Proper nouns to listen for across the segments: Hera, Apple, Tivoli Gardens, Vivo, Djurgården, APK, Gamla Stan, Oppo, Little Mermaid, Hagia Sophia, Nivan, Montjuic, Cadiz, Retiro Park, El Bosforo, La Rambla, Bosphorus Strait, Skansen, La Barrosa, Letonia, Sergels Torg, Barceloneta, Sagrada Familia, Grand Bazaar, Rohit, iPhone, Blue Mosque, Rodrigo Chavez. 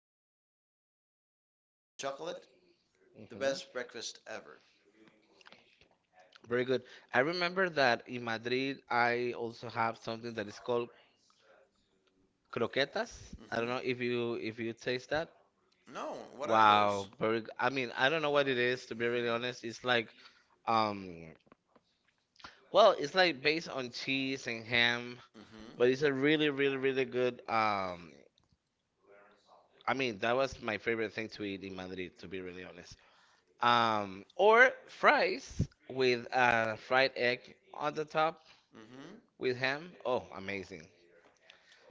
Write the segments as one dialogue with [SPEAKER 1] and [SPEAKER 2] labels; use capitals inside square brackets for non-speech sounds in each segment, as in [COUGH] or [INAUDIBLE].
[SPEAKER 1] on Churros on chocolate,
[SPEAKER 2] The
[SPEAKER 1] the best
[SPEAKER 2] mhm.
[SPEAKER 1] breakfast ever.
[SPEAKER 2] Very good. I remember that in Madrid, I also have something that is called croquetas.
[SPEAKER 1] I
[SPEAKER 2] I don't know
[SPEAKER 1] hmm
[SPEAKER 2] if you taste that.
[SPEAKER 1] That. No,
[SPEAKER 2] Is
[SPEAKER 1] what are
[SPEAKER 2] Wow,
[SPEAKER 1] those?
[SPEAKER 2] those? I mean, I don't know what it is to be really honest.
[SPEAKER 1] Mm-hmm.
[SPEAKER 2] Um, it's like based on cheese and ham.
[SPEAKER 1] hmm hmm
[SPEAKER 2] But it's a really, really, really good. I mean, that was my favorite thing to eat in Madrid, to be really honest. Or fries with a fried egg on the top
[SPEAKER 1] re- hmm
[SPEAKER 2] with ham. Oh, amazing!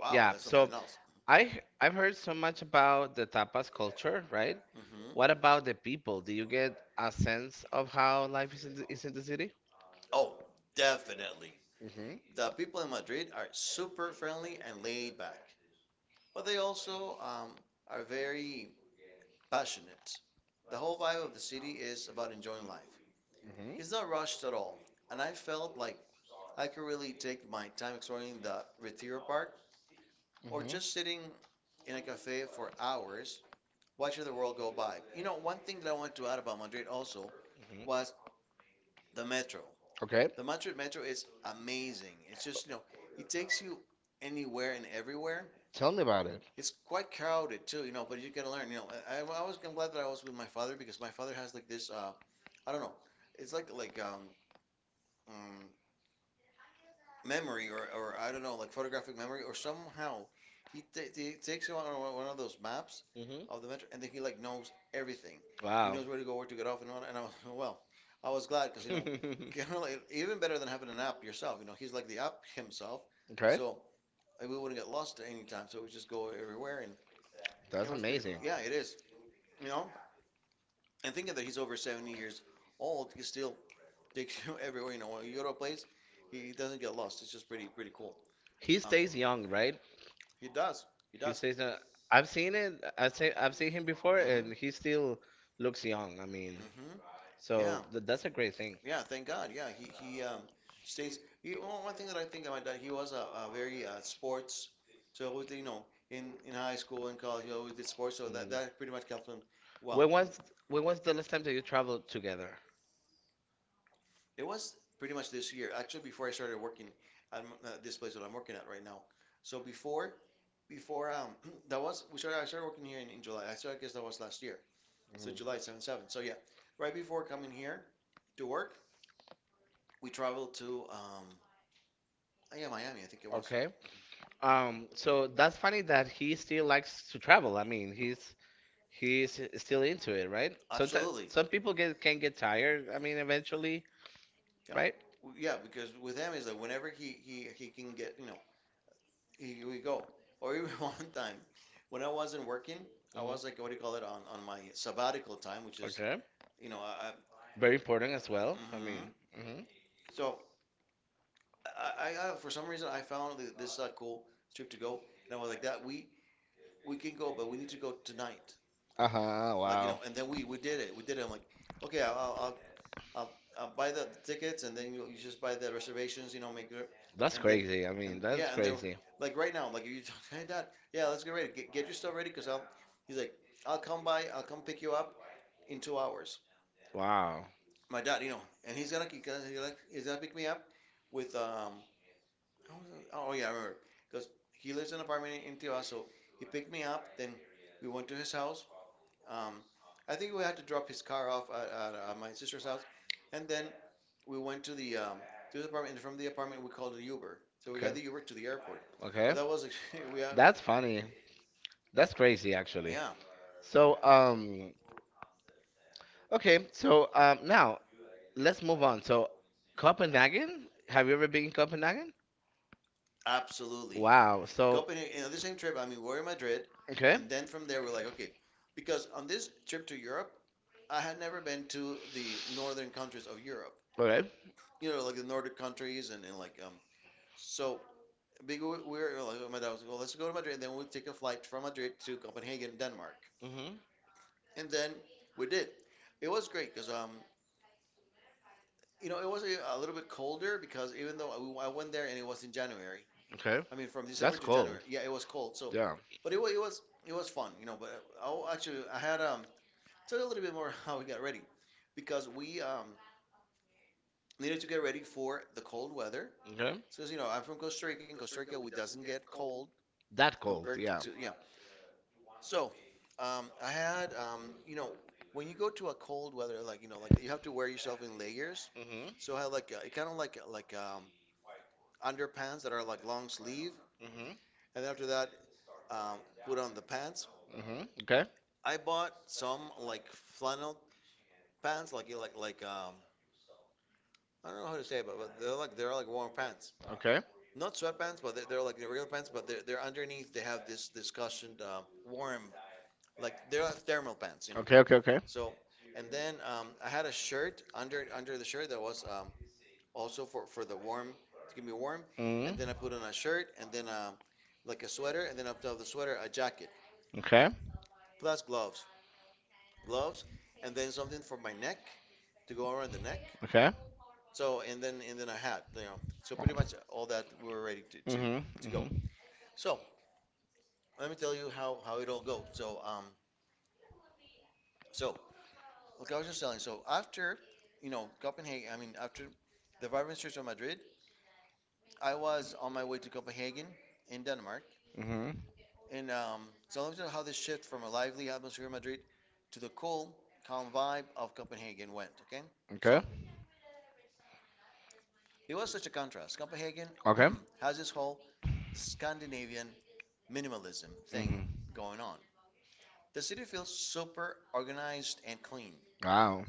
[SPEAKER 1] Wow,
[SPEAKER 2] Yeah.
[SPEAKER 1] that's
[SPEAKER 2] So
[SPEAKER 1] something else.
[SPEAKER 2] I've heard so much about the tapas culture, right?
[SPEAKER 1] hmm
[SPEAKER 2] What about the people? Do you get a sense of how life is in the city?
[SPEAKER 1] Oh, definitely.
[SPEAKER 2] Mm-hmm.
[SPEAKER 1] The people in Madrid are super friendly and laid back, but they also are very passionate. The whole vibe of the city is about enjoying life.
[SPEAKER 2] Mm-hmm.
[SPEAKER 1] It's not rushed at all, and I felt like I could really take my time exploring the Retiro Park or just sitting
[SPEAKER 2] Mm-hmm.
[SPEAKER 1] in a cafe for hours watching the world go by. You know, one thing that I want to add about Madrid also
[SPEAKER 2] Mhm.
[SPEAKER 1] was the metro.
[SPEAKER 2] Okay,
[SPEAKER 1] The Madrid metro is amazing. It's just, you know, it takes you anywhere and everywhere.
[SPEAKER 2] tell me about it.
[SPEAKER 1] It's quite crowded too, you know, but you gotta learn. You know, I'm glad that I was with my father because my father has like this I don't know, it's like um memory or I don't know, like photographic memory or somehow he takes you on one of those maps
[SPEAKER 2] Hmm.
[SPEAKER 1] of the metro and then he like knows everything. He
[SPEAKER 2] Wow.
[SPEAKER 1] knows where to go, where to get off and all. And I was, [LAUGHS] well, I was glad because,
[SPEAKER 2] [LAUGHS]
[SPEAKER 1] you know,
[SPEAKER 2] having
[SPEAKER 1] [LAUGHS] kind of like, even better than having an app yourself. You know, he's like the app himself.
[SPEAKER 2] okay,
[SPEAKER 1] So we wouldn't get lost at any time. So we just go everywhere and it
[SPEAKER 2] that's
[SPEAKER 1] was pretty cool.
[SPEAKER 2] amazing.
[SPEAKER 1] Yeah, it is. You know, and thinking that he's over 70 years old, he still takes you [LAUGHS] everywhere. You know, when you go to a place, he doesn't get lost. It's just pretty, pretty cool. he
[SPEAKER 2] He
[SPEAKER 1] stays
[SPEAKER 2] stays
[SPEAKER 1] Young,
[SPEAKER 2] young,
[SPEAKER 1] right?
[SPEAKER 2] right?
[SPEAKER 1] He does. He
[SPEAKER 2] He
[SPEAKER 1] does.
[SPEAKER 2] stays. I've seen it. I've seen him before, and he still looks young. I mean,
[SPEAKER 1] Mhm. Mhm.
[SPEAKER 2] so
[SPEAKER 1] Yeah.
[SPEAKER 2] th that's a great thing.
[SPEAKER 1] Yeah, thank God. Yeah, he stays. Oh, one thing that I think about that he was a very sports. So he always, did, you know, in high school and college, he always
[SPEAKER 2] And
[SPEAKER 1] did sports. So that
[SPEAKER 2] Mm.
[SPEAKER 1] that pretty much helped
[SPEAKER 2] kept
[SPEAKER 1] him. Well,
[SPEAKER 2] When
[SPEAKER 1] mm,
[SPEAKER 2] was connected. When was the last time that you traveled together?
[SPEAKER 1] it was pretty much this year. Actually, before I started working at this place that I'm working at right now. So before [CLEARS THROAT] that was we started. I started working here in July. I started, I guess that was last year. So July
[SPEAKER 2] Mhm.
[SPEAKER 1] 7th. So yeah, right before coming here to work, we traveled to yeah, Miami, I think it was.
[SPEAKER 2] Okay.
[SPEAKER 1] Okay.
[SPEAKER 2] Um, so that's funny that he still likes to travel. I mean, he's still into it, right?
[SPEAKER 1] Mhm.
[SPEAKER 2] Sometimes
[SPEAKER 1] Absolutely. Some
[SPEAKER 2] some
[SPEAKER 1] people
[SPEAKER 2] people
[SPEAKER 1] get,
[SPEAKER 2] get
[SPEAKER 1] can
[SPEAKER 2] can
[SPEAKER 1] get
[SPEAKER 2] get
[SPEAKER 1] tired.
[SPEAKER 2] tired. I
[SPEAKER 1] I mean,
[SPEAKER 2] mean,
[SPEAKER 1] eventually,
[SPEAKER 2] eventually,
[SPEAKER 1] yeah, right?
[SPEAKER 2] right?
[SPEAKER 1] Yeah, because with him is like whenever he can get, you know, he we go. Or even [LAUGHS] one time when I wasn't working, I was like what do you call it
[SPEAKER 2] Mhm.
[SPEAKER 1] on my sabbatical time, which is,
[SPEAKER 2] Okay.
[SPEAKER 1] okay, you know, I very
[SPEAKER 2] Very
[SPEAKER 1] important
[SPEAKER 2] important
[SPEAKER 1] as
[SPEAKER 2] as well.
[SPEAKER 1] well.
[SPEAKER 2] I mean, hmm.
[SPEAKER 1] So I for some reason I found this cool trip to go, and I was like that we can go, but we need to go tonight. Like, you
[SPEAKER 2] Uh-huh,
[SPEAKER 1] know, and
[SPEAKER 2] and
[SPEAKER 1] then
[SPEAKER 2] then
[SPEAKER 1] we
[SPEAKER 2] wow.
[SPEAKER 1] did it. We did it. I'm like, okay, I'll, I'll buy the tickets and then you, know, you just buy the reservations, you know, make it.
[SPEAKER 2] That's
[SPEAKER 1] And then,
[SPEAKER 2] crazy. I
[SPEAKER 1] and
[SPEAKER 2] mean, that's
[SPEAKER 1] yeah, and then,
[SPEAKER 2] crazy.
[SPEAKER 1] like right now, like if you talk, [LAUGHS] hey, dad, yeah, let's get ready. Get your stuff ready because he's like, I'll come by, I'll come pick you up in 2 hours.
[SPEAKER 2] Wow.
[SPEAKER 1] My dad, you know, and he's gonna pick me up with, um, how was it? Oh yeah, I remember. Because he lives in an apartment in Tijuana, so he picked me up, then we went to his house. Um, I think we had to drop his car off at my sister's house, and then we went to the apartment. And from the apartment, we called an Uber. So we
[SPEAKER 2] Okay.
[SPEAKER 1] got the Uber to
[SPEAKER 2] Airport.
[SPEAKER 1] the airport. But
[SPEAKER 2] Okay.
[SPEAKER 1] that was [LAUGHS] we had, that's
[SPEAKER 2] That's
[SPEAKER 1] funny,
[SPEAKER 2] funny. That's crazy, actually.
[SPEAKER 1] yeah,
[SPEAKER 2] So, okay. So, now let's move on. So, Copenhagen. Have you ever been in Copenhagen?
[SPEAKER 1] absolutely. Wow.
[SPEAKER 2] Wow.
[SPEAKER 1] So
[SPEAKER 2] So.
[SPEAKER 1] Copenhagen, and on the same trip, I mean, we were in Madrid,
[SPEAKER 2] Okay.
[SPEAKER 1] and then from there, we're like, okay, because on this trip to Europe, I had never been to the northern countries of Europe,
[SPEAKER 2] Okay.
[SPEAKER 1] you know, like the Nordic countries, and like, so we we were like, my dad was like, well, let's go to Madrid, and then we'll take a flight from Madrid to Copenhagen, Denmark.
[SPEAKER 2] Mhm.
[SPEAKER 1] And then we did. It was great because, you know, it was a little bit colder because even though I went there and it was in January,
[SPEAKER 2] Okay.
[SPEAKER 1] I mean, from December
[SPEAKER 2] That's
[SPEAKER 1] to
[SPEAKER 2] cold.
[SPEAKER 1] January, yeah, it was cold. So,
[SPEAKER 2] Yeah.
[SPEAKER 1] but it was fun, you know. But I actually, I had tell you a little bit more [LAUGHS] how we got ready because we needed to get ready for the cold weather.
[SPEAKER 2] Okay.
[SPEAKER 1] So, as you know, I'm from Costa Rica. In Costa Rica, we doesn't get cold
[SPEAKER 2] That cold.
[SPEAKER 1] compared
[SPEAKER 2] Yeah.
[SPEAKER 1] to, yeah. So, I had, you know, when you go to a cold weather, like you know, like you have to wear yourself in layers.
[SPEAKER 2] Mhm.
[SPEAKER 1] So I had underpants that are like long sleeve,
[SPEAKER 2] Mhm.
[SPEAKER 1] and then after that, um, put on the pants.
[SPEAKER 2] Mhm. Okay.
[SPEAKER 1] I bought some like flannel pants, like you know, I don't know how to say it, but they're like warm pants,
[SPEAKER 2] Okay.
[SPEAKER 1] not sweatpants, but they're like the regular pants, but they're underneath they have this cushioned warm like they're like thermal pants, you know.
[SPEAKER 2] Okay. Okay. Okay.
[SPEAKER 1] So, and then I had a shirt under the shirt that was also for the warm to keep me warm, and then I
[SPEAKER 2] Mhm.
[SPEAKER 1] put on a shirt and then like a sweater, and then up top of the sweater a jacket
[SPEAKER 2] Okay.
[SPEAKER 1] plus gloves, and then something for my neck to go around the neck.
[SPEAKER 2] Okay.
[SPEAKER 1] So and then a hat, you know. So pretty much all that we were ready
[SPEAKER 2] Mhm.
[SPEAKER 1] to go.
[SPEAKER 2] Mhm.
[SPEAKER 1] So let me tell you how it all goes. So like I was just telling. So after you know Copenhagen, I mean after the vibrant streets of Madrid, I was on my way to Copenhagen in Denmark.
[SPEAKER 2] Mhm.
[SPEAKER 1] And So let me tell you how this shift from a lively atmosphere in Madrid to the cool, calm vibe of Copenhagen went. Okay,
[SPEAKER 2] Okay.
[SPEAKER 1] so it was such a contrast. Copenhagen
[SPEAKER 2] Okay.
[SPEAKER 1] [CLEARS THROAT] has this whole Scandinavian minimalism thing
[SPEAKER 2] Mhm.
[SPEAKER 1] going on. The city feels super organized and clean.
[SPEAKER 2] Wow.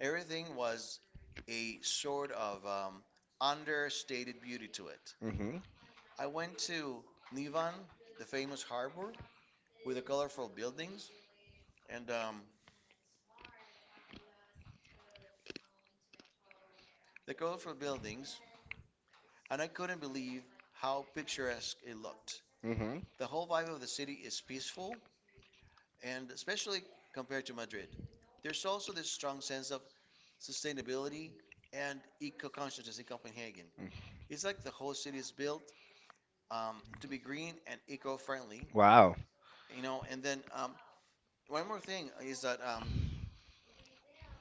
[SPEAKER 1] Everything was a sort of understated beauty to it.
[SPEAKER 2] Mhm.
[SPEAKER 1] I went to Nivan, the famous harbor, with the colorful buildings and um, the colorful buildings, and I couldn't believe how picturesque it looked.
[SPEAKER 2] Mhm.
[SPEAKER 1] The whole vibe of the city is peaceful, and especially compared to Madrid. There's also this strong sense of sustainability and eco consciousness in Copenhagen.
[SPEAKER 2] Mhm.
[SPEAKER 1] It's like the whole city is built to be green and eco friendly,
[SPEAKER 2] Wow.
[SPEAKER 1] you know. And then one more thing is that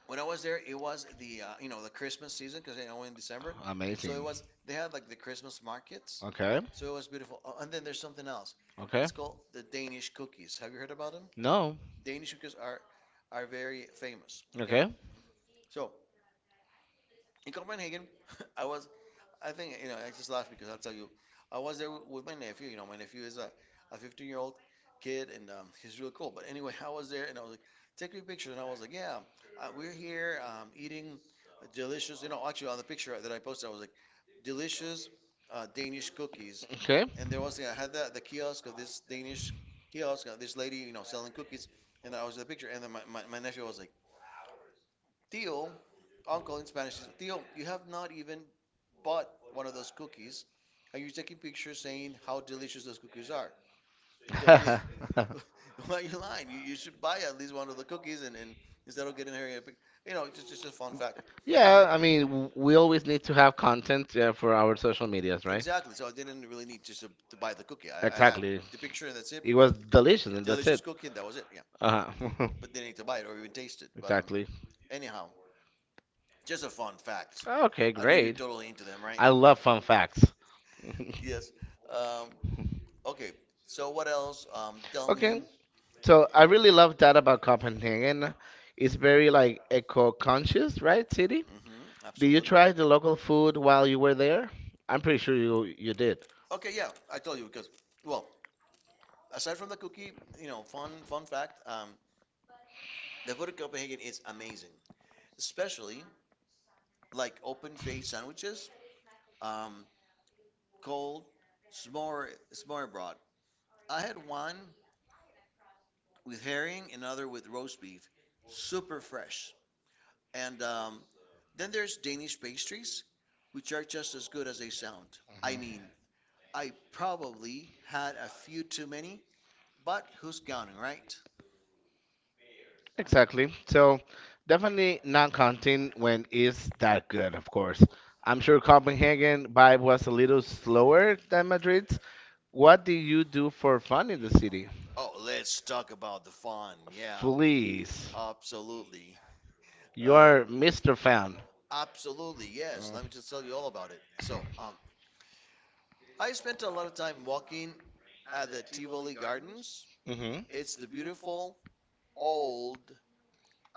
[SPEAKER 1] when I was there, it was the you know the Christmas season because I went in December, so it
[SPEAKER 2] Amazing.
[SPEAKER 1] was they had like the Christmas markets,
[SPEAKER 2] Okay.
[SPEAKER 1] so it was beautiful. Oh, and then there's something else.
[SPEAKER 2] Okay.
[SPEAKER 1] It's called the Danish cookies. Have you heard about them?
[SPEAKER 2] No.
[SPEAKER 1] Danish cookies are very famous. Okay,
[SPEAKER 2] Okay.
[SPEAKER 1] so in Copenhagen, [LAUGHS] I was I think, you know, I just laugh because I'll tell you, I was there with my nephew. You know, my nephew is a 15-year-old year old kid and he's really cool. But anyway, [LAUGHS] I was there and I was like, take me a picture. And I was like, yeah, we're here eating delicious, you know, actually on the picture that I posted, I was like, delicious Danish cookies.
[SPEAKER 2] Okay.
[SPEAKER 1] And there was, you know, I had the kiosk of this Danish kiosk, this lady, you know, selling cookies. And I was in the picture. And then my nephew was like, Tío, uncle in Spanish is Tío, you have not even bought one of those cookies and you're taking pictures saying how delicious those cookies are. Don't be,
[SPEAKER 2] [LAUGHS]
[SPEAKER 1] [LAUGHS] why are you lying? You should buy at least one of the cookies and instead of getting her, a you know, just a fun fact.
[SPEAKER 2] yeah, I mean, we always need to have content for our social medias, right?
[SPEAKER 1] Exactly. So I didn't really need just to buy the cookie. I had
[SPEAKER 2] Exactly.
[SPEAKER 1] the picture and that's it.
[SPEAKER 2] It
[SPEAKER 1] A
[SPEAKER 2] was delicious, and that's
[SPEAKER 1] delicious
[SPEAKER 2] it.
[SPEAKER 1] cookie and that was it. Yeah.
[SPEAKER 2] Uh huh.
[SPEAKER 1] But didn't need to buy it or even taste it.
[SPEAKER 2] [LAUGHS]
[SPEAKER 1] But
[SPEAKER 2] exactly.
[SPEAKER 1] anyhow, just a fun fact.
[SPEAKER 2] Okay,
[SPEAKER 1] I know you're
[SPEAKER 2] great.
[SPEAKER 1] totally into them, right?
[SPEAKER 2] I love fun facts. [LAUGHS]
[SPEAKER 1] Yes. Um, Okay, so what else? Tell me.
[SPEAKER 2] Okay, so I really love that about Copenhagen. It's very like eco-conscious, right, city?
[SPEAKER 1] Hmm,
[SPEAKER 2] Did you
[SPEAKER 1] absolutely.
[SPEAKER 2] try the local food while you were there? I'm pretty sure you did.
[SPEAKER 1] Okay, yeah, I told you because, well, aside from the cookie, you know, fun fact, the food in Copenhagen is amazing, especially like open face sandwiches, um, cold, s'more broth. I had one with herring, another with roast beef, super fresh. And then there's Danish pastries, which are just as good as they sound. I mean, I probably had a few too many. But who's counting, right?
[SPEAKER 2] Exactly. So definitely not counting when it's that good, of course. I'm sure Copenhagen vibe was a little slower than Madrid's. What do you do for fun in the city?
[SPEAKER 1] Oh, let's talk about the fun. Yeah,
[SPEAKER 2] Please.
[SPEAKER 1] absolutely.
[SPEAKER 2] You
[SPEAKER 1] Uh,
[SPEAKER 2] are Mr. Fan.
[SPEAKER 1] absolutely, yes. Let me just tell you all about it. So, I spent a lot of time walking at the Tivoli Gardens.
[SPEAKER 2] Mm-hmm.
[SPEAKER 1] It's the beautiful old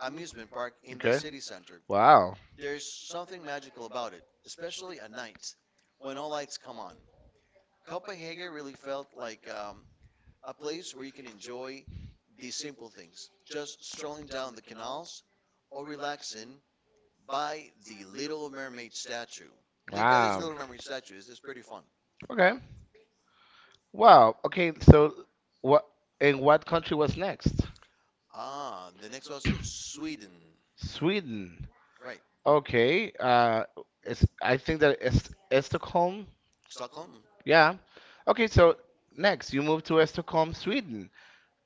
[SPEAKER 1] amusement park in the
[SPEAKER 2] Okay.
[SPEAKER 1] city center.
[SPEAKER 2] Wow.
[SPEAKER 1] There's something magical about it, especially at night when all lights come on. Copenhagen really felt like a place where you can enjoy the simple things, just strolling down the canals or relaxing by the Little Mermaid statue. They've got this
[SPEAKER 2] Wow.
[SPEAKER 1] Little Mermaid statue. It's pretty fun.
[SPEAKER 2] Okay. Wow. Okay. So what? And what country was next?
[SPEAKER 1] Ah, the next was Sweden.
[SPEAKER 2] Sweden.
[SPEAKER 1] Right,
[SPEAKER 2] Okay, uh, I think that it's Stockholm.
[SPEAKER 1] Stockholm.
[SPEAKER 2] Yeah. Okay, so next you move to Stockholm, Sweden.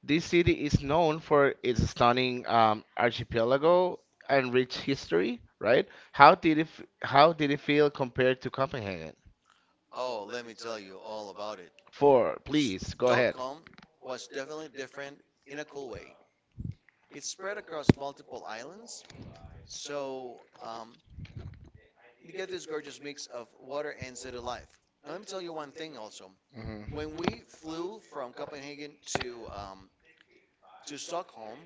[SPEAKER 2] This city is known for its stunning archipelago and rich history, right? How did it feel compared to Copenhagen?
[SPEAKER 1] Oh, let me tell you all about it.
[SPEAKER 2] Four, please go ahead.
[SPEAKER 1] Stockholm was definitely different in a cool way. It's spread across multiple islands, so you get this gorgeous mix of water and city life. Now, let me tell you one thing also.
[SPEAKER 2] Hmm.
[SPEAKER 1] When we flew from Copenhagen to Stockholm,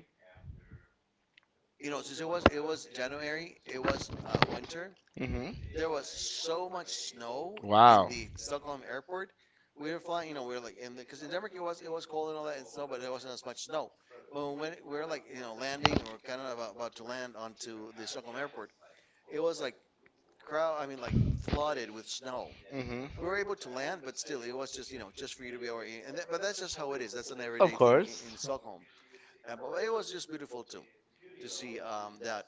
[SPEAKER 1] you know, since it was January, it was winter.
[SPEAKER 2] Hmm.
[SPEAKER 1] There was so much snow in
[SPEAKER 2] Wow.
[SPEAKER 1] the Stockholm airport. We were flying, you know, we were like in the because in Denmark it was cold and all that and snow, but there wasn't as much snow. But when we were like you know landing or kind of about to land onto the Stockholm airport, it was like crowd. I mean, like flooded with snow.
[SPEAKER 2] Hmm.
[SPEAKER 1] We were able to land, but still, it was just you know just for you to be able. And that, but that's just how it is. That's an
[SPEAKER 2] Of
[SPEAKER 1] everyday thing in
[SPEAKER 2] course.
[SPEAKER 1] Stockholm. But it was just beautiful too to see that.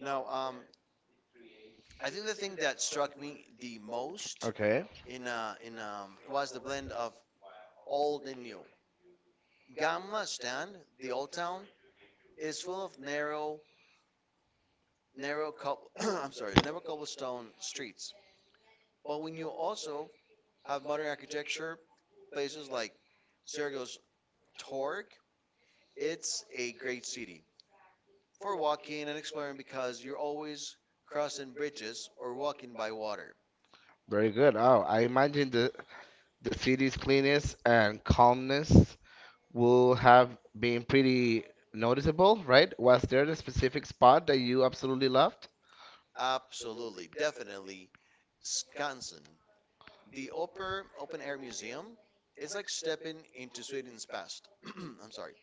[SPEAKER 1] Now, I think the thing that struck me the most
[SPEAKER 2] Okay,
[SPEAKER 1] in was the blend of old and new. Gamla Stan, the old town, is full of narrow cobble. [CLEARS THROAT] I'm sorry, narrow cobblestone streets. But when you also have modern architecture, places like Sergels Torg, it's a great city for walking and exploring because you're always crossing bridges or walking by water.
[SPEAKER 2] very good. Oh, I imagine the city's cleanness and calmness will have been pretty noticeable, right? Was there a specific spot that you absolutely loved?
[SPEAKER 1] Absolutely, definitely. Skansen, the Upper Open Air Museum, it's like stepping into Sweden's past. [CLEARS THROAT] I'm sorry.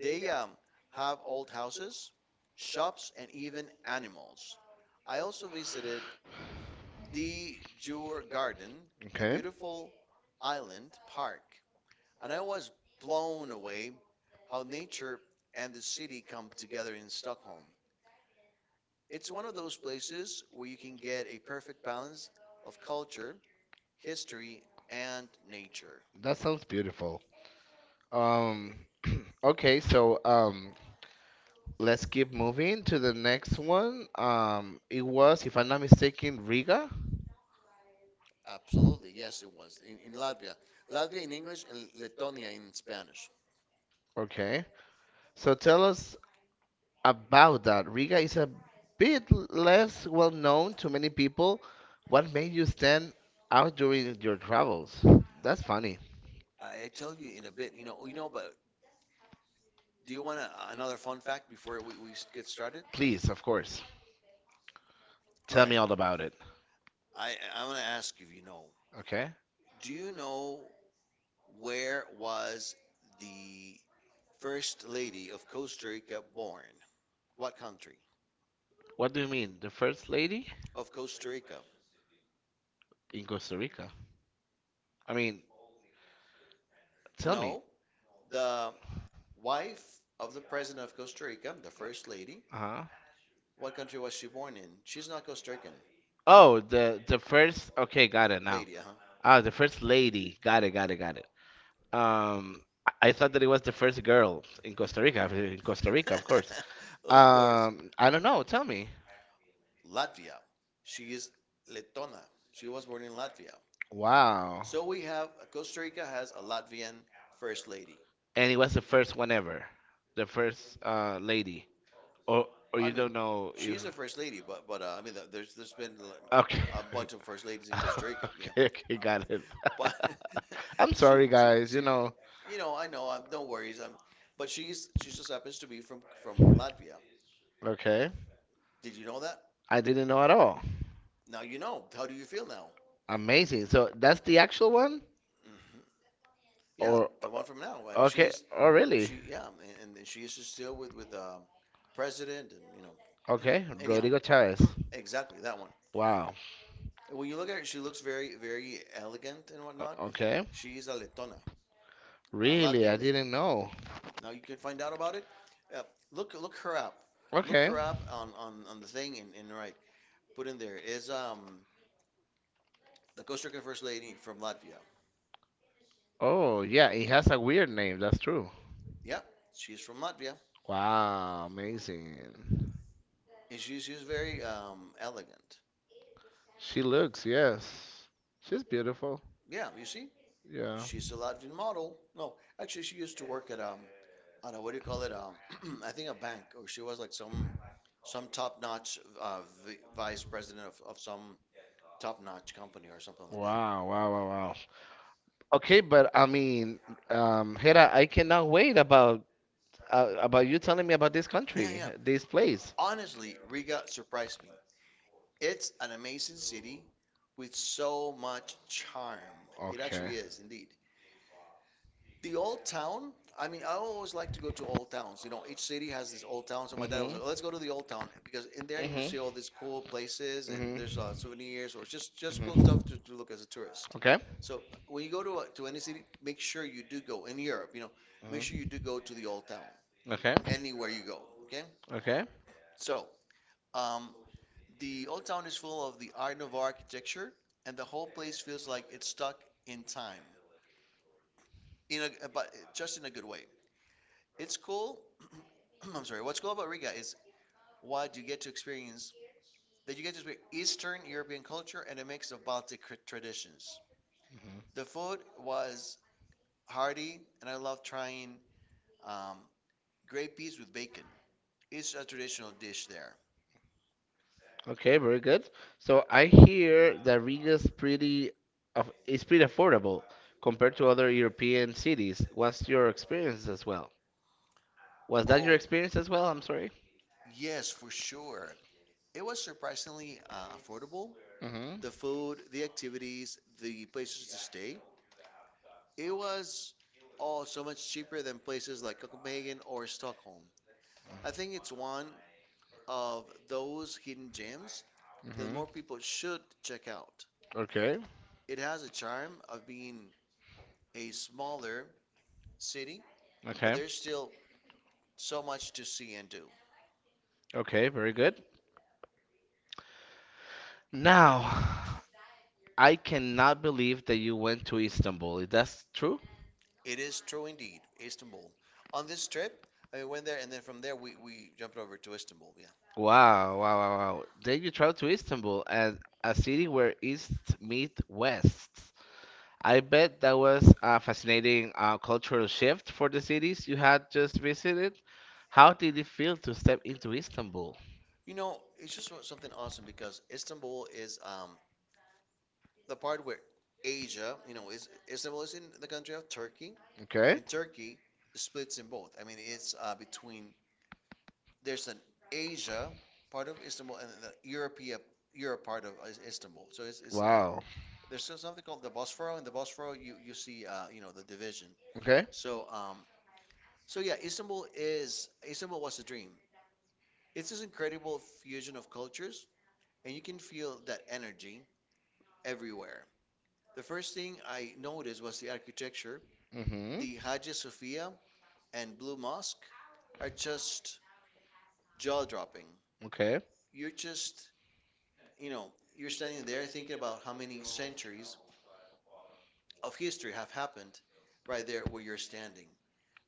[SPEAKER 1] They have old houses, shops, and even animals. I also visited the Djurgården, a
[SPEAKER 2] Okay,
[SPEAKER 1] beautiful island park, and I was blown away how nature and the city come together in Stockholm. It's one of those places where you can get a perfect balance of culture, history, and nature.
[SPEAKER 2] that sounds beautiful. Um, [CLEARS THROAT] okay, so Let's keep moving to the next one. It was, if I'm not mistaken, Riga.
[SPEAKER 1] Absolutely, yes, it was in Latvia. Latvia in English and Letonia in Spanish.
[SPEAKER 2] Okay, so tell us about that. Riga is a less well known to many people. What made you stand out during your travels? That's funny.
[SPEAKER 1] I tell you in a bit, you know. But do you want another fun fact before we get started?
[SPEAKER 2] Please, of course,
[SPEAKER 1] All
[SPEAKER 2] tell me
[SPEAKER 1] right,
[SPEAKER 2] all about it.
[SPEAKER 1] I'm gonna ask you if you know.
[SPEAKER 2] Okay?
[SPEAKER 1] Do you know where was the first lady of Costa Rica born? What country
[SPEAKER 2] What do you mean? The first lady
[SPEAKER 1] of Costa Rica?
[SPEAKER 2] in Costa Rica? I mean, tell me.
[SPEAKER 1] No, the wife of the president of Costa Rica, the first lady,
[SPEAKER 2] Uh-huh.
[SPEAKER 1] what country was she born in? She's not Costa Rican. Oh,
[SPEAKER 2] The
[SPEAKER 1] the first
[SPEAKER 2] first.
[SPEAKER 1] okay,
[SPEAKER 2] Okay,
[SPEAKER 1] got
[SPEAKER 2] got
[SPEAKER 1] it.
[SPEAKER 2] it
[SPEAKER 1] Now.
[SPEAKER 2] now.
[SPEAKER 1] Lady,
[SPEAKER 2] Ah, the first lady. Got it, got it, got it. Um, I thought that it was the first girl in Costa Rica. In Costa Rica,
[SPEAKER 1] huh?
[SPEAKER 2] of course.
[SPEAKER 1] [LAUGHS] of course,
[SPEAKER 2] I don't know. Tell me.
[SPEAKER 1] Latvia. She is Letona. She was born in Latvia.
[SPEAKER 2] Wow.
[SPEAKER 1] So we have Costa Rica has a Latvian first lady.
[SPEAKER 2] And it was the first one ever, the first lady. Or or
[SPEAKER 1] I
[SPEAKER 2] you
[SPEAKER 1] mean,
[SPEAKER 2] don't know
[SPEAKER 1] she
[SPEAKER 2] if.
[SPEAKER 1] is a first lady, but I mean, there's been like,
[SPEAKER 2] Okay.
[SPEAKER 1] a bunch of first ladies in
[SPEAKER 2] [LAUGHS]
[SPEAKER 1] Costa Rica, yeah.
[SPEAKER 2] okay. Okay. Got it.
[SPEAKER 1] But
[SPEAKER 2] [LAUGHS]
[SPEAKER 1] [LAUGHS]
[SPEAKER 2] I'm sorry, guys. You
[SPEAKER 1] she.
[SPEAKER 2] know.
[SPEAKER 1] You know, I know. I'm, no worries. But she just happens to be from Latvia.
[SPEAKER 2] Okay.
[SPEAKER 1] Did you know that?
[SPEAKER 2] I didn't know at all.
[SPEAKER 1] Now you know. How do you feel now?
[SPEAKER 2] Amazing. So that's the actual one,
[SPEAKER 1] Hmm. Yeah,
[SPEAKER 2] or
[SPEAKER 1] the one from now. I mean,
[SPEAKER 2] okay. Oh, really?
[SPEAKER 1] she yeah, and she is still with president and you know.
[SPEAKER 2] Okay.
[SPEAKER 1] [CLEARS THROAT] Anyhow,
[SPEAKER 2] Rodrigo Chavez.
[SPEAKER 1] [CLEARS THROAT] exactly that one.
[SPEAKER 2] Wow.
[SPEAKER 1] And when you look at her, she looks very elegant and whatnot.
[SPEAKER 2] O- Okay.
[SPEAKER 1] She is a Letona, a
[SPEAKER 2] Really, I
[SPEAKER 1] Latvian lady.
[SPEAKER 2] didn't know.
[SPEAKER 1] Now you can find out about it. Uh, look her up. Look
[SPEAKER 2] Okay.
[SPEAKER 1] her up on the thing and right. Put in there is the Costa Rican First Lady from Latvia.
[SPEAKER 2] Oh, yeah, it has a weird name, that's true.
[SPEAKER 1] Yep, she's from Latvia,
[SPEAKER 2] Wow, amazing.
[SPEAKER 1] and she's very elegant.
[SPEAKER 2] She looks, yes. She's beautiful.
[SPEAKER 1] Yeah, you see,
[SPEAKER 2] Yeah.
[SPEAKER 1] she's a Latvian model. No, actually, she used to work at on a what do you call it? [CLEARS THROAT] I think a bank, or she was like some top-notch vice president of some top-notch company or something like that.
[SPEAKER 2] Wow, wow, wow, wow. Okay, but I mean, Hera, I cannot wait about you telling me about this
[SPEAKER 1] Yeah,
[SPEAKER 2] country,
[SPEAKER 1] yeah.
[SPEAKER 2] this place.
[SPEAKER 1] Honestly, Riga surprised me. It's an amazing city with so much charm. It
[SPEAKER 2] Okay.
[SPEAKER 1] actually is, indeed. The old town, I mean, I always like to go to old towns. You know, each city has this old town. So my dad was
[SPEAKER 2] Mhm.
[SPEAKER 1] like, "Oh, let's go to the old town," because in there you
[SPEAKER 2] Mhm.
[SPEAKER 1] see all these cool places and
[SPEAKER 2] Mhm.
[SPEAKER 1] there's souvenirs or just cool stuff
[SPEAKER 2] Mhm.
[SPEAKER 1] to look as a tourist.
[SPEAKER 2] Okay.
[SPEAKER 1] So when you go to to any city, make sure you do go in Europe. You know, make sure you
[SPEAKER 2] Mhm.
[SPEAKER 1] do go to the old town
[SPEAKER 2] Okay.
[SPEAKER 1] anywhere you go. Okay,
[SPEAKER 2] Okay.
[SPEAKER 1] so um, the old town is full of the Art Nouveau architecture, and the whole place feels like it's stuck in time in a but just in a good way. It's cool. [CLEARS THROAT] I'm sorry. What's cool about Riga is what you get to experience that you get to experience Eastern European culture and a mix of Baltic traditions.
[SPEAKER 2] Hmm.
[SPEAKER 1] The food was hearty, and I love trying um, grape peas with bacon. It's a traditional dish there.
[SPEAKER 2] Okay, very good. So I hear that Riga's pretty of is pretty affordable compared to other European cities. What's your experience as well? Was that your
[SPEAKER 1] Your
[SPEAKER 2] experience
[SPEAKER 1] experience
[SPEAKER 2] as
[SPEAKER 1] as well?
[SPEAKER 2] well? I'm
[SPEAKER 1] I'm sorry.
[SPEAKER 2] sorry.
[SPEAKER 1] Yes, for sure. It was surprisingly affordable. The
[SPEAKER 2] Hmm.
[SPEAKER 1] food, the activities, the places to stay. It was all so much cheaper than places like Copenhagen or Stockholm. I think it's one of those hidden gems that more
[SPEAKER 2] Hmm.
[SPEAKER 1] people should check out.
[SPEAKER 2] Okay.
[SPEAKER 1] It has a charm of being a smaller city, but
[SPEAKER 2] Okay.
[SPEAKER 1] there's still so much to see and do.
[SPEAKER 2] Okay, very good. Now, [SIGHS] I cannot believe that you went to Istanbul. Is that true?
[SPEAKER 1] It is true indeed, Istanbul. On this trip, I mean, went there and then from there we jumped over to Istanbul, yeah.
[SPEAKER 2] Wow, wow, wow, wow. Then you traveled to Istanbul and a city where east meet west. I bet that was a fascinating cultural shift for the cities you had just visited. How did it feel to step into Istanbul?
[SPEAKER 1] You know, it's just so, something awesome because Istanbul is the part where Asia, you know, is Istanbul is in the country of Turkey,
[SPEAKER 2] Okay.
[SPEAKER 1] and Turkey splits in both. I mean, it's between there's an Asia part of Istanbul and the Europe part of Istanbul. So it's
[SPEAKER 2] Wow.
[SPEAKER 1] there's still something called the Bosphorus. In the Bosphorus, you see you know, the division.
[SPEAKER 2] Okay.
[SPEAKER 1] So um so yeah, Istanbul was a dream. It's this incredible fusion of cultures, and you can feel that energy everywhere. The first thing I noticed was the architecture.
[SPEAKER 2] Mm-hmm.
[SPEAKER 1] The Hagia Sophia and Blue Mosque are just jaw dropping.
[SPEAKER 2] Okay.
[SPEAKER 1] You're just you know, you're standing there thinking about how many centuries of history have happened right there where you're standing.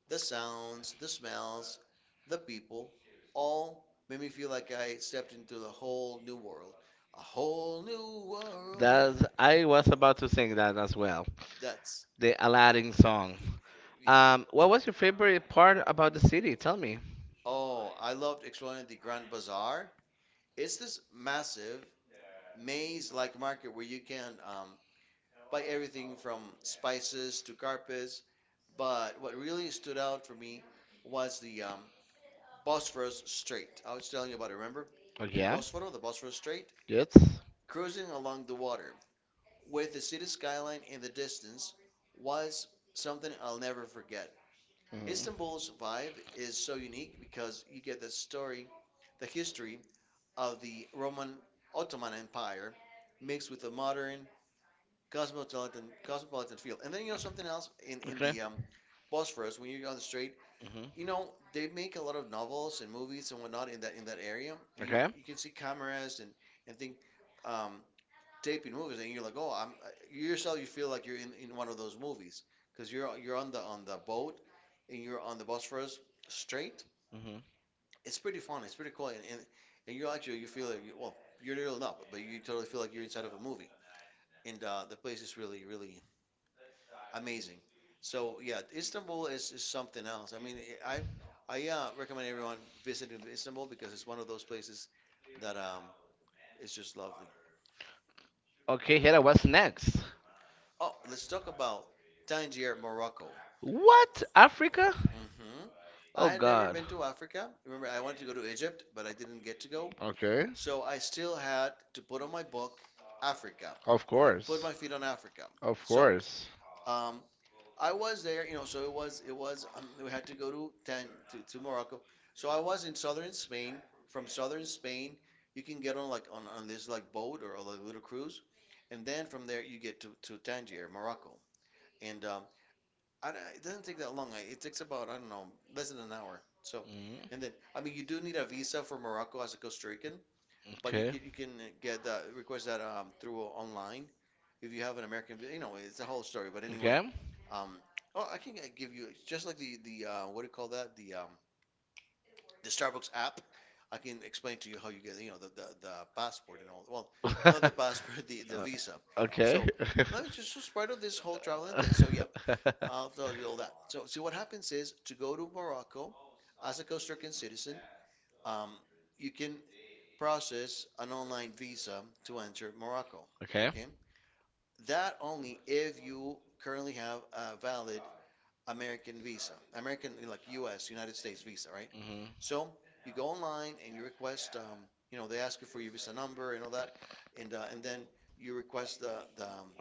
[SPEAKER 1] The sounds, the smells, the people, all made me feel like I stepped into a whole new world. A whole new world.
[SPEAKER 2] That's, I was about to sing that as well.
[SPEAKER 1] That's.
[SPEAKER 2] The Aladdin song.
[SPEAKER 1] [LAUGHS]
[SPEAKER 2] What was your favorite part about the city? Tell me.
[SPEAKER 1] Oh, I loved exploring the Grand Bazaar. It's this massive maze-like market where you can buy everything from spices to carpets. But what really stood out for me was the Bosphorus Strait. I was telling you about it, remember?
[SPEAKER 2] Oh
[SPEAKER 1] El
[SPEAKER 2] yeah.
[SPEAKER 1] Bosforo, the Bosphorus Strait.
[SPEAKER 2] Yes.
[SPEAKER 1] Cruising along the water with the city skyline in the distance was something I'll never forget.
[SPEAKER 2] Mhm.
[SPEAKER 1] Istanbul's vibe is so unique because you get the story, the history of the Roman Ottoman Empire mixed with the modern cosmopolitan feel. And then you know something else in
[SPEAKER 2] Okay.
[SPEAKER 1] the Bosphorus. When you're on the strait, you
[SPEAKER 2] Hmm.
[SPEAKER 1] know, they make a lot of novels and movies and whatnot in that area, and you,
[SPEAKER 2] Okay.
[SPEAKER 1] you can see cameras and think, um taping movies, and you're like, oh, I'm you yourself, you feel like you're in one of those movies because you're on the boat and you're on the Bosphorus Strait.
[SPEAKER 2] Hmm.
[SPEAKER 1] It's pretty fun, it's pretty cool, and you're actually, you feel like you, well, you're really not, but you totally feel like you're inside of a movie. And the place is really amazing. So yeah, Istanbul is something else. I mean, I I recommend everyone visiting Istanbul because it's one of those places that is just lovely.
[SPEAKER 2] Okay, Here, what's next?
[SPEAKER 1] Oh, let's talk about Tangier, Morocco.
[SPEAKER 2] What? Africa?
[SPEAKER 1] Hmm.
[SPEAKER 2] Oh
[SPEAKER 1] I had never
[SPEAKER 2] God.
[SPEAKER 1] been to Africa. Remember, I wanted to go to Egypt, but I didn't get to go.
[SPEAKER 2] Okay,
[SPEAKER 1] So I still had to put on my book Africa.
[SPEAKER 2] of
[SPEAKER 1] I put
[SPEAKER 2] course,
[SPEAKER 1] my feet on Africa.
[SPEAKER 2] of
[SPEAKER 1] So
[SPEAKER 2] course.
[SPEAKER 1] um, I was there, you know, so it was, we had to go to to Morocco. So I was in southern Spain. From southern Spain, you can get on, like, on this like boat or a little cruise, and then from there you get to Tangier, Morocco. And I don't, it doesn't take that long. I, it takes about, I don't know, less than an hour. So, and
[SPEAKER 2] Mhm.
[SPEAKER 1] then, I mean, you do need a visa for Morocco as a Costa Rican, but
[SPEAKER 2] Okay,
[SPEAKER 1] you can get that, request that through online if you have an American you know, it's a whole story. But anyway,
[SPEAKER 2] okay.
[SPEAKER 1] um, oh, I can give you just like the what do you call that? The Starbucks app. I can explain to you how you get, you know, the the passport and all. Well, not the [LAUGHS]
[SPEAKER 2] [LAUGHS]
[SPEAKER 1] passport, the
[SPEAKER 2] Uh,
[SPEAKER 1] visa. Okay.
[SPEAKER 2] okay.
[SPEAKER 1] So let me
[SPEAKER 2] [LAUGHS]
[SPEAKER 1] just part of this whole traveling thing. So yeah, I'll tell you all that. So see, what happens is to go to Morocco as a Costa Rican citizen. Um, you can process an online visa to enter Morocco.
[SPEAKER 2] Okay.
[SPEAKER 1] Okay, that only if you currently have a valid American visa, American, like U.S., United States visa, right?
[SPEAKER 2] Hmm.
[SPEAKER 1] So you go online and you request, you know, they ask you for your visa number and all that, and then you request the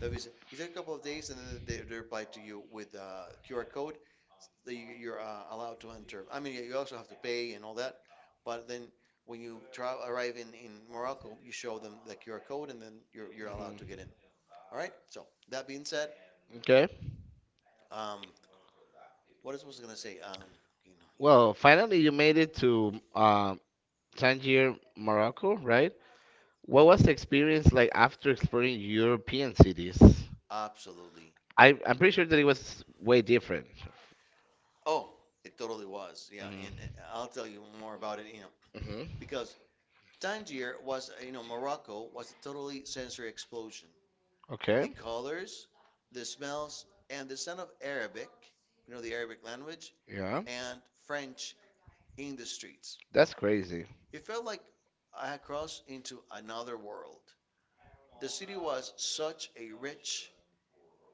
[SPEAKER 1] the visa. You take a couple of days, and then they reply to you with a QR code that you're allowed to enter. I mean, you also have to pay and all that, but then when you travel, arrive in Morocco, you show them the QR code, and then you're allowed to get in.
[SPEAKER 2] Hmm.
[SPEAKER 1] All right. So that being said,
[SPEAKER 2] Okay.
[SPEAKER 1] um, what else was I gonna say? You know, you
[SPEAKER 2] Well,
[SPEAKER 1] know.
[SPEAKER 2] finally
[SPEAKER 1] You
[SPEAKER 2] you
[SPEAKER 1] made
[SPEAKER 2] made
[SPEAKER 1] it.
[SPEAKER 2] it to Tangier, Morocco, right? What was the experience like after exploring European cities?
[SPEAKER 1] Absolutely.
[SPEAKER 2] I'm pretty sure that it was way different.
[SPEAKER 1] Oh, it totally was. Yeah,
[SPEAKER 2] Mm.
[SPEAKER 1] and I'll tell you more about it. You know,
[SPEAKER 2] Hmm.
[SPEAKER 1] because Tangier was, you know, Morocco was a totally sensory explosion.
[SPEAKER 2] Okay.
[SPEAKER 1] The colors, the smells, and the sound of Arabic, you know, the Arabic language,
[SPEAKER 2] Yeah.
[SPEAKER 1] and French in the streets.
[SPEAKER 2] That's crazy.
[SPEAKER 1] It felt like I had crossed into another world. The city was such a rich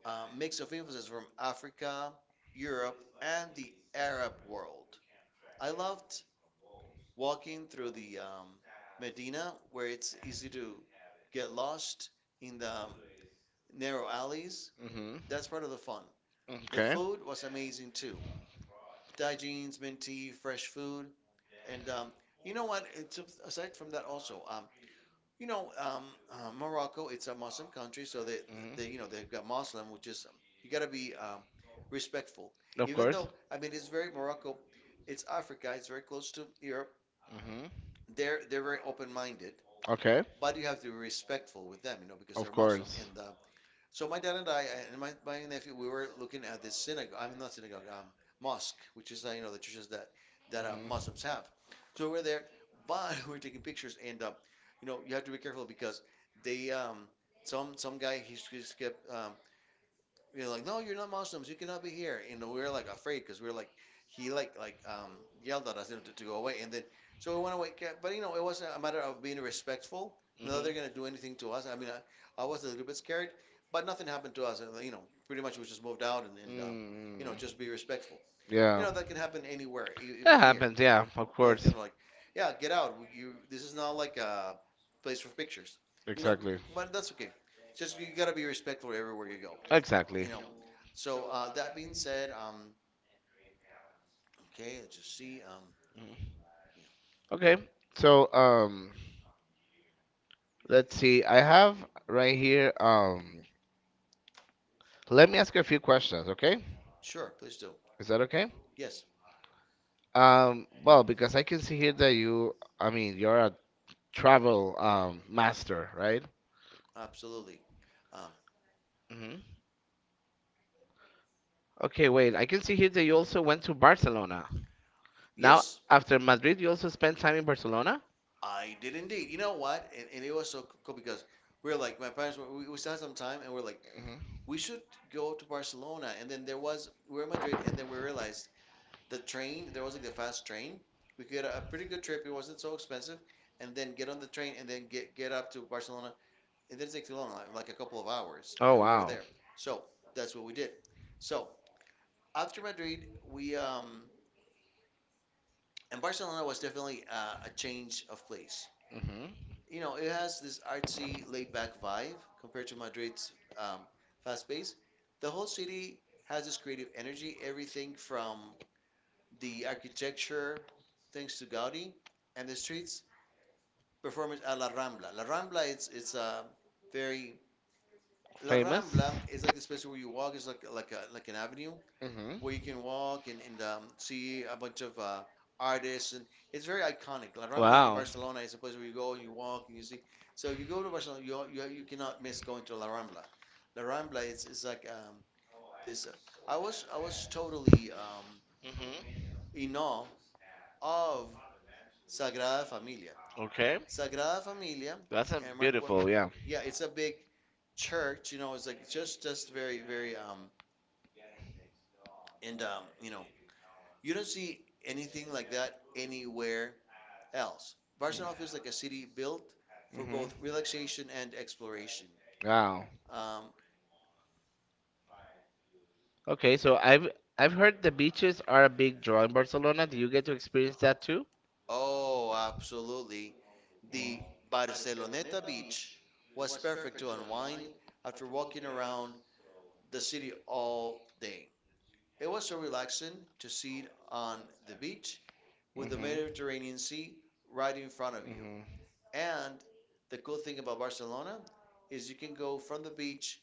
[SPEAKER 1] mix of influences from Africa, Europe, and the Arab world. I loved walking through the Medina, where it's easy to get lost in the narrow alleys.
[SPEAKER 2] Hmm.
[SPEAKER 1] That's part of the fun. The
[SPEAKER 2] Okay.
[SPEAKER 1] food was amazing too. Daijinis, mint tea, fresh food, and, you know what? It's, aside from that also. You know, um, Morocco, it's a Muslim country, so they, you know, they've
[SPEAKER 2] Mhm.
[SPEAKER 1] got Muslim, which is, you got to be respectful.
[SPEAKER 2] Of
[SPEAKER 1] Even
[SPEAKER 2] course.
[SPEAKER 1] though, I mean, it's very Morocco, it's Africa, it's very close to Europe.
[SPEAKER 2] Hmm.
[SPEAKER 1] They're very open-minded,
[SPEAKER 2] Okay.
[SPEAKER 1] but you have to be respectful with them, you know, because
[SPEAKER 2] Of
[SPEAKER 1] they're Muslim, and so my dad and I and my nephew, we were looking at this synagogue. I mean, not synagogue, mosque, which is, you know, the churches that
[SPEAKER 2] course.
[SPEAKER 1] Muslims have.
[SPEAKER 2] Mhm.
[SPEAKER 1] So we're there, but [LAUGHS] we're taking pictures, and you know, you have to be careful because they, some guy, he just kept, you know, like, no, you're not Muslims, you cannot be here. You know, we were like afraid because we were like, he like, yelled at us, you know, to go away, and then so we went away. But you know, it wasn't a matter of being respectful.
[SPEAKER 2] They
[SPEAKER 1] Not that they're gonna
[SPEAKER 2] mm-hmm.
[SPEAKER 1] do anything to us. I mean, I was a little bit scared, but nothing happened to us. You know, pretty much we just moved out, and
[SPEAKER 2] Mm.
[SPEAKER 1] you know, just be respectful.
[SPEAKER 2] You
[SPEAKER 1] You
[SPEAKER 2] yeah,
[SPEAKER 1] know, that can happen anywhere,
[SPEAKER 2] that
[SPEAKER 1] even here.
[SPEAKER 2] happens. Yeah, of
[SPEAKER 1] Because it's
[SPEAKER 2] course. You
[SPEAKER 1] kind of like, yeah, get out. You, this is not like a place for pictures.
[SPEAKER 2] know
[SPEAKER 1] You know,
[SPEAKER 2] exactly.
[SPEAKER 1] but that's okay. Just, you gotta be respectful everywhere you go.
[SPEAKER 2] Exactly.
[SPEAKER 1] Exactly. You know. So that being said, okay, let's just see.
[SPEAKER 2] Mm.
[SPEAKER 1] Yeah,
[SPEAKER 2] Okay. So, let's see. I have right here. Let me ask you a few questions. Okay,
[SPEAKER 1] sure, please do.
[SPEAKER 2] is that okay?
[SPEAKER 1] Yes,
[SPEAKER 2] Well, because I can see here that I mean, you're a travel master, right?
[SPEAKER 1] absolutely. Um,
[SPEAKER 2] Hmm. Okay, wait. I can see here that you also went to Barcelona. Now, yes,
[SPEAKER 1] yes,
[SPEAKER 2] after Madrid, you also spent time in Barcelona?
[SPEAKER 1] I did indeed. You know what? And it was so cool because we were like, my parents were, we still had some time, and we are like,
[SPEAKER 2] Hmm.
[SPEAKER 1] we should go to Barcelona. And then there was, we were in Madrid, and then we realized the train, there was like the fast train. We could get a pretty good trip. It wasn't so expensive, and then get on the train and then get up to Barcelona. It didn't take too long, like a couple of hours,
[SPEAKER 2] Oh,
[SPEAKER 1] and we were
[SPEAKER 2] wow.
[SPEAKER 1] there. So that's what we did. So after Madrid, we and Barcelona was definitely, a change of place.
[SPEAKER 2] Hmm.
[SPEAKER 1] You know, it has this artsy, laid-back vibe compared to Madrid's um, fast pace. The whole city has this creative energy. Everything from the architecture, thanks to Gaudi, and the streets performance at La Rambla. La Rambla it's a very La
[SPEAKER 2] Famous?
[SPEAKER 1] Rambla is like this place where you walk. It's like a, like an avenue
[SPEAKER 2] Hmm.
[SPEAKER 1] where you can walk and, see a bunch of, artists, and it's very iconic. La Rambla in
[SPEAKER 2] Wow.
[SPEAKER 1] Barcelona is a place where you go and you walk and you see. So if you go to Barcelona, you cannot miss going to La Rambla. La Rambla is like, this. I was totally,
[SPEAKER 2] Hmm.
[SPEAKER 1] in awe of Sagrada Familia.
[SPEAKER 2] Okay.
[SPEAKER 1] Sagrada Familia
[SPEAKER 2] That's a
[SPEAKER 1] and Mark. Well,
[SPEAKER 2] beautiful, yeah.
[SPEAKER 1] yeah, it's a big church. You know, it's like just very, and, you know, you don't see anything like that anywhere else. Barcelona feels like a city built for
[SPEAKER 2] Hmm.
[SPEAKER 1] both relaxation and exploration.
[SPEAKER 2] Wow.
[SPEAKER 1] Um,
[SPEAKER 2] Okay, so I've heard the beaches are a big draw in Barcelona. Do you get to experience that too?
[SPEAKER 1] oh, absolutely. The
[SPEAKER 2] Hmm.
[SPEAKER 1] Barceloneta beach was perfect to unwind after walking around the city all day. It was so relaxing to sit on the beach with the
[SPEAKER 2] Hmm.
[SPEAKER 1] Mediterranean Sea right in front of you. And the cool thing about Barcelona is you can go from the beach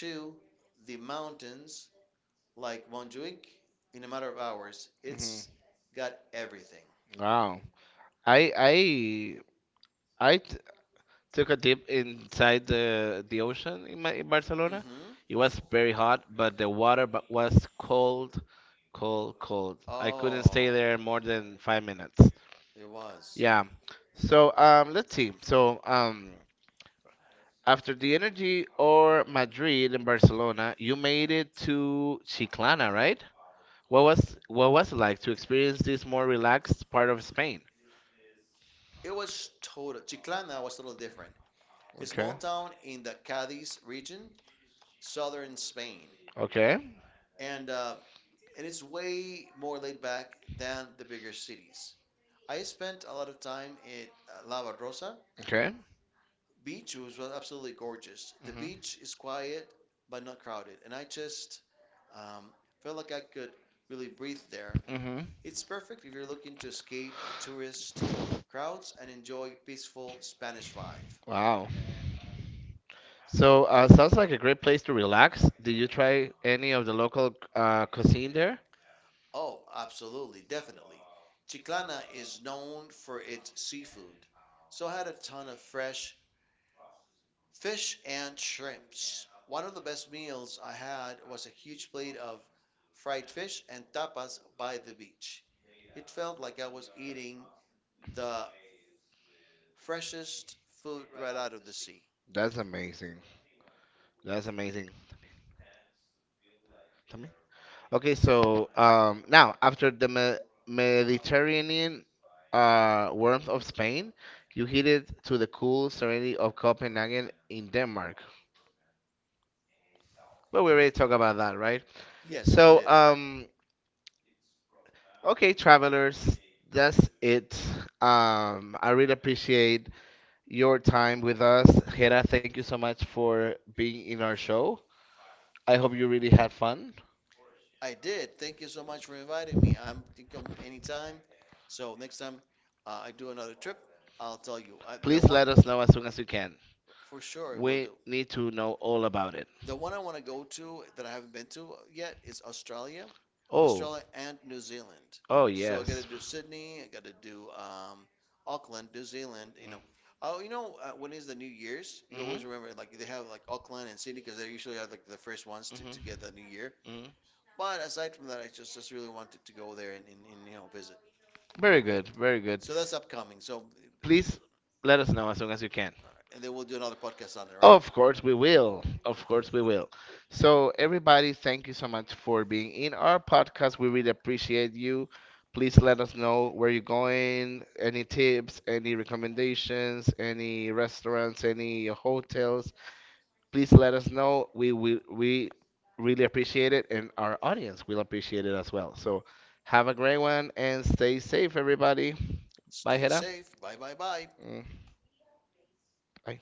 [SPEAKER 1] to the mountains like Montjuic in a matter of hours.
[SPEAKER 2] Hmm.
[SPEAKER 1] It's got everything.
[SPEAKER 2] Wow. I I I t took a dip inside the ocean in Barcelona.
[SPEAKER 1] Hmm.
[SPEAKER 2] It was very hot, but the was cold, cold, cold. I couldn't stay
[SPEAKER 1] Oh,
[SPEAKER 2] there more than 5 minutes.
[SPEAKER 1] it was.
[SPEAKER 2] Yeah. So let's see. So After the energy or Madrid and Barcelona, you made it to Chiclana, right? What was it like to experience this more relaxed part of Spain?
[SPEAKER 1] It was total. Chiclana was a little different. It's a small
[SPEAKER 2] Okay.
[SPEAKER 1] town in the Cadiz region, southern Spain,
[SPEAKER 2] Okay.
[SPEAKER 1] and uh, and it's way more laid back than the bigger cities. I spent a lot of time at La Barrosa,
[SPEAKER 2] Okay.
[SPEAKER 1] beach was absolutely gorgeous. The beach is quiet but not crowded, and I just, um, felt like I could really breathe there.
[SPEAKER 2] Mhm.
[SPEAKER 1] It's perfect if you're looking to escape the tourist crowds and enjoy peaceful Spanish vibe.
[SPEAKER 2] Wow. So sounds like a great place to relax. Did you try any of the local cuisine there?
[SPEAKER 1] Oh, absolutely, definitely. Chiclana is known for its seafood, so I had a ton of fresh fish and shrimps. One of the best meals I had was a huge plate of fried fish and tapas by the beach. It felt like I was eating the freshest food right out of the sea.
[SPEAKER 2] That's amazing. That's amazing. Tell me. Okay, so now after the me- Mediterranean warmth of Spain, you headed to the cool serenity of Copenhagen in Denmark. But we already talked about that, right?
[SPEAKER 1] Yes, we
[SPEAKER 2] So,
[SPEAKER 1] did.
[SPEAKER 2] um, Okay, travelers, that's it. I really appreciate your time with us. Hera, thank you so much for being in our show. I hope you really had fun.
[SPEAKER 1] I did. Thank you so much for inviting me. I'm can come anytime. So next time, I do another trip, I'll tell you. I, the
[SPEAKER 2] Please
[SPEAKER 1] one
[SPEAKER 2] let us know as soon as you can.
[SPEAKER 1] for sure it will
[SPEAKER 2] We
[SPEAKER 1] do.
[SPEAKER 2] need to know all about it.
[SPEAKER 1] The one I want to go to that I haven't been to yet is Australia,
[SPEAKER 2] Oh,
[SPEAKER 1] Australia and New Zealand.
[SPEAKER 2] oh
[SPEAKER 1] So I got to
[SPEAKER 2] yes.
[SPEAKER 1] do Sydney, I got to do, Auckland, New Zealand. You know, oh, you know, when is the New Year's? You always remember
[SPEAKER 2] Mm-hmm.
[SPEAKER 1] like they have like Auckland and Sydney because they usually are like the first ones to get the New Year.
[SPEAKER 2] Hmm.
[SPEAKER 1] But aside from that, I just really wanted to go there and, you know, visit.
[SPEAKER 2] Very good, very good.
[SPEAKER 1] So that's upcoming. So
[SPEAKER 2] Please let us know as soon as you can.
[SPEAKER 1] and then we'll do another podcast on it, right?
[SPEAKER 2] Of course we will. Of course we will. So everybody, thank you so much for being in our podcast. We really appreciate you. Please let us know where you're going, any tips, any recommendations, any restaurants, any hotels. Please let us know. We really appreciate it and our audience will appreciate it as well. So have a great one and stay safe everybody. Bye
[SPEAKER 1] Stay
[SPEAKER 2] Hera.
[SPEAKER 1] safe. Bye bye bye.
[SPEAKER 2] Mm, bye.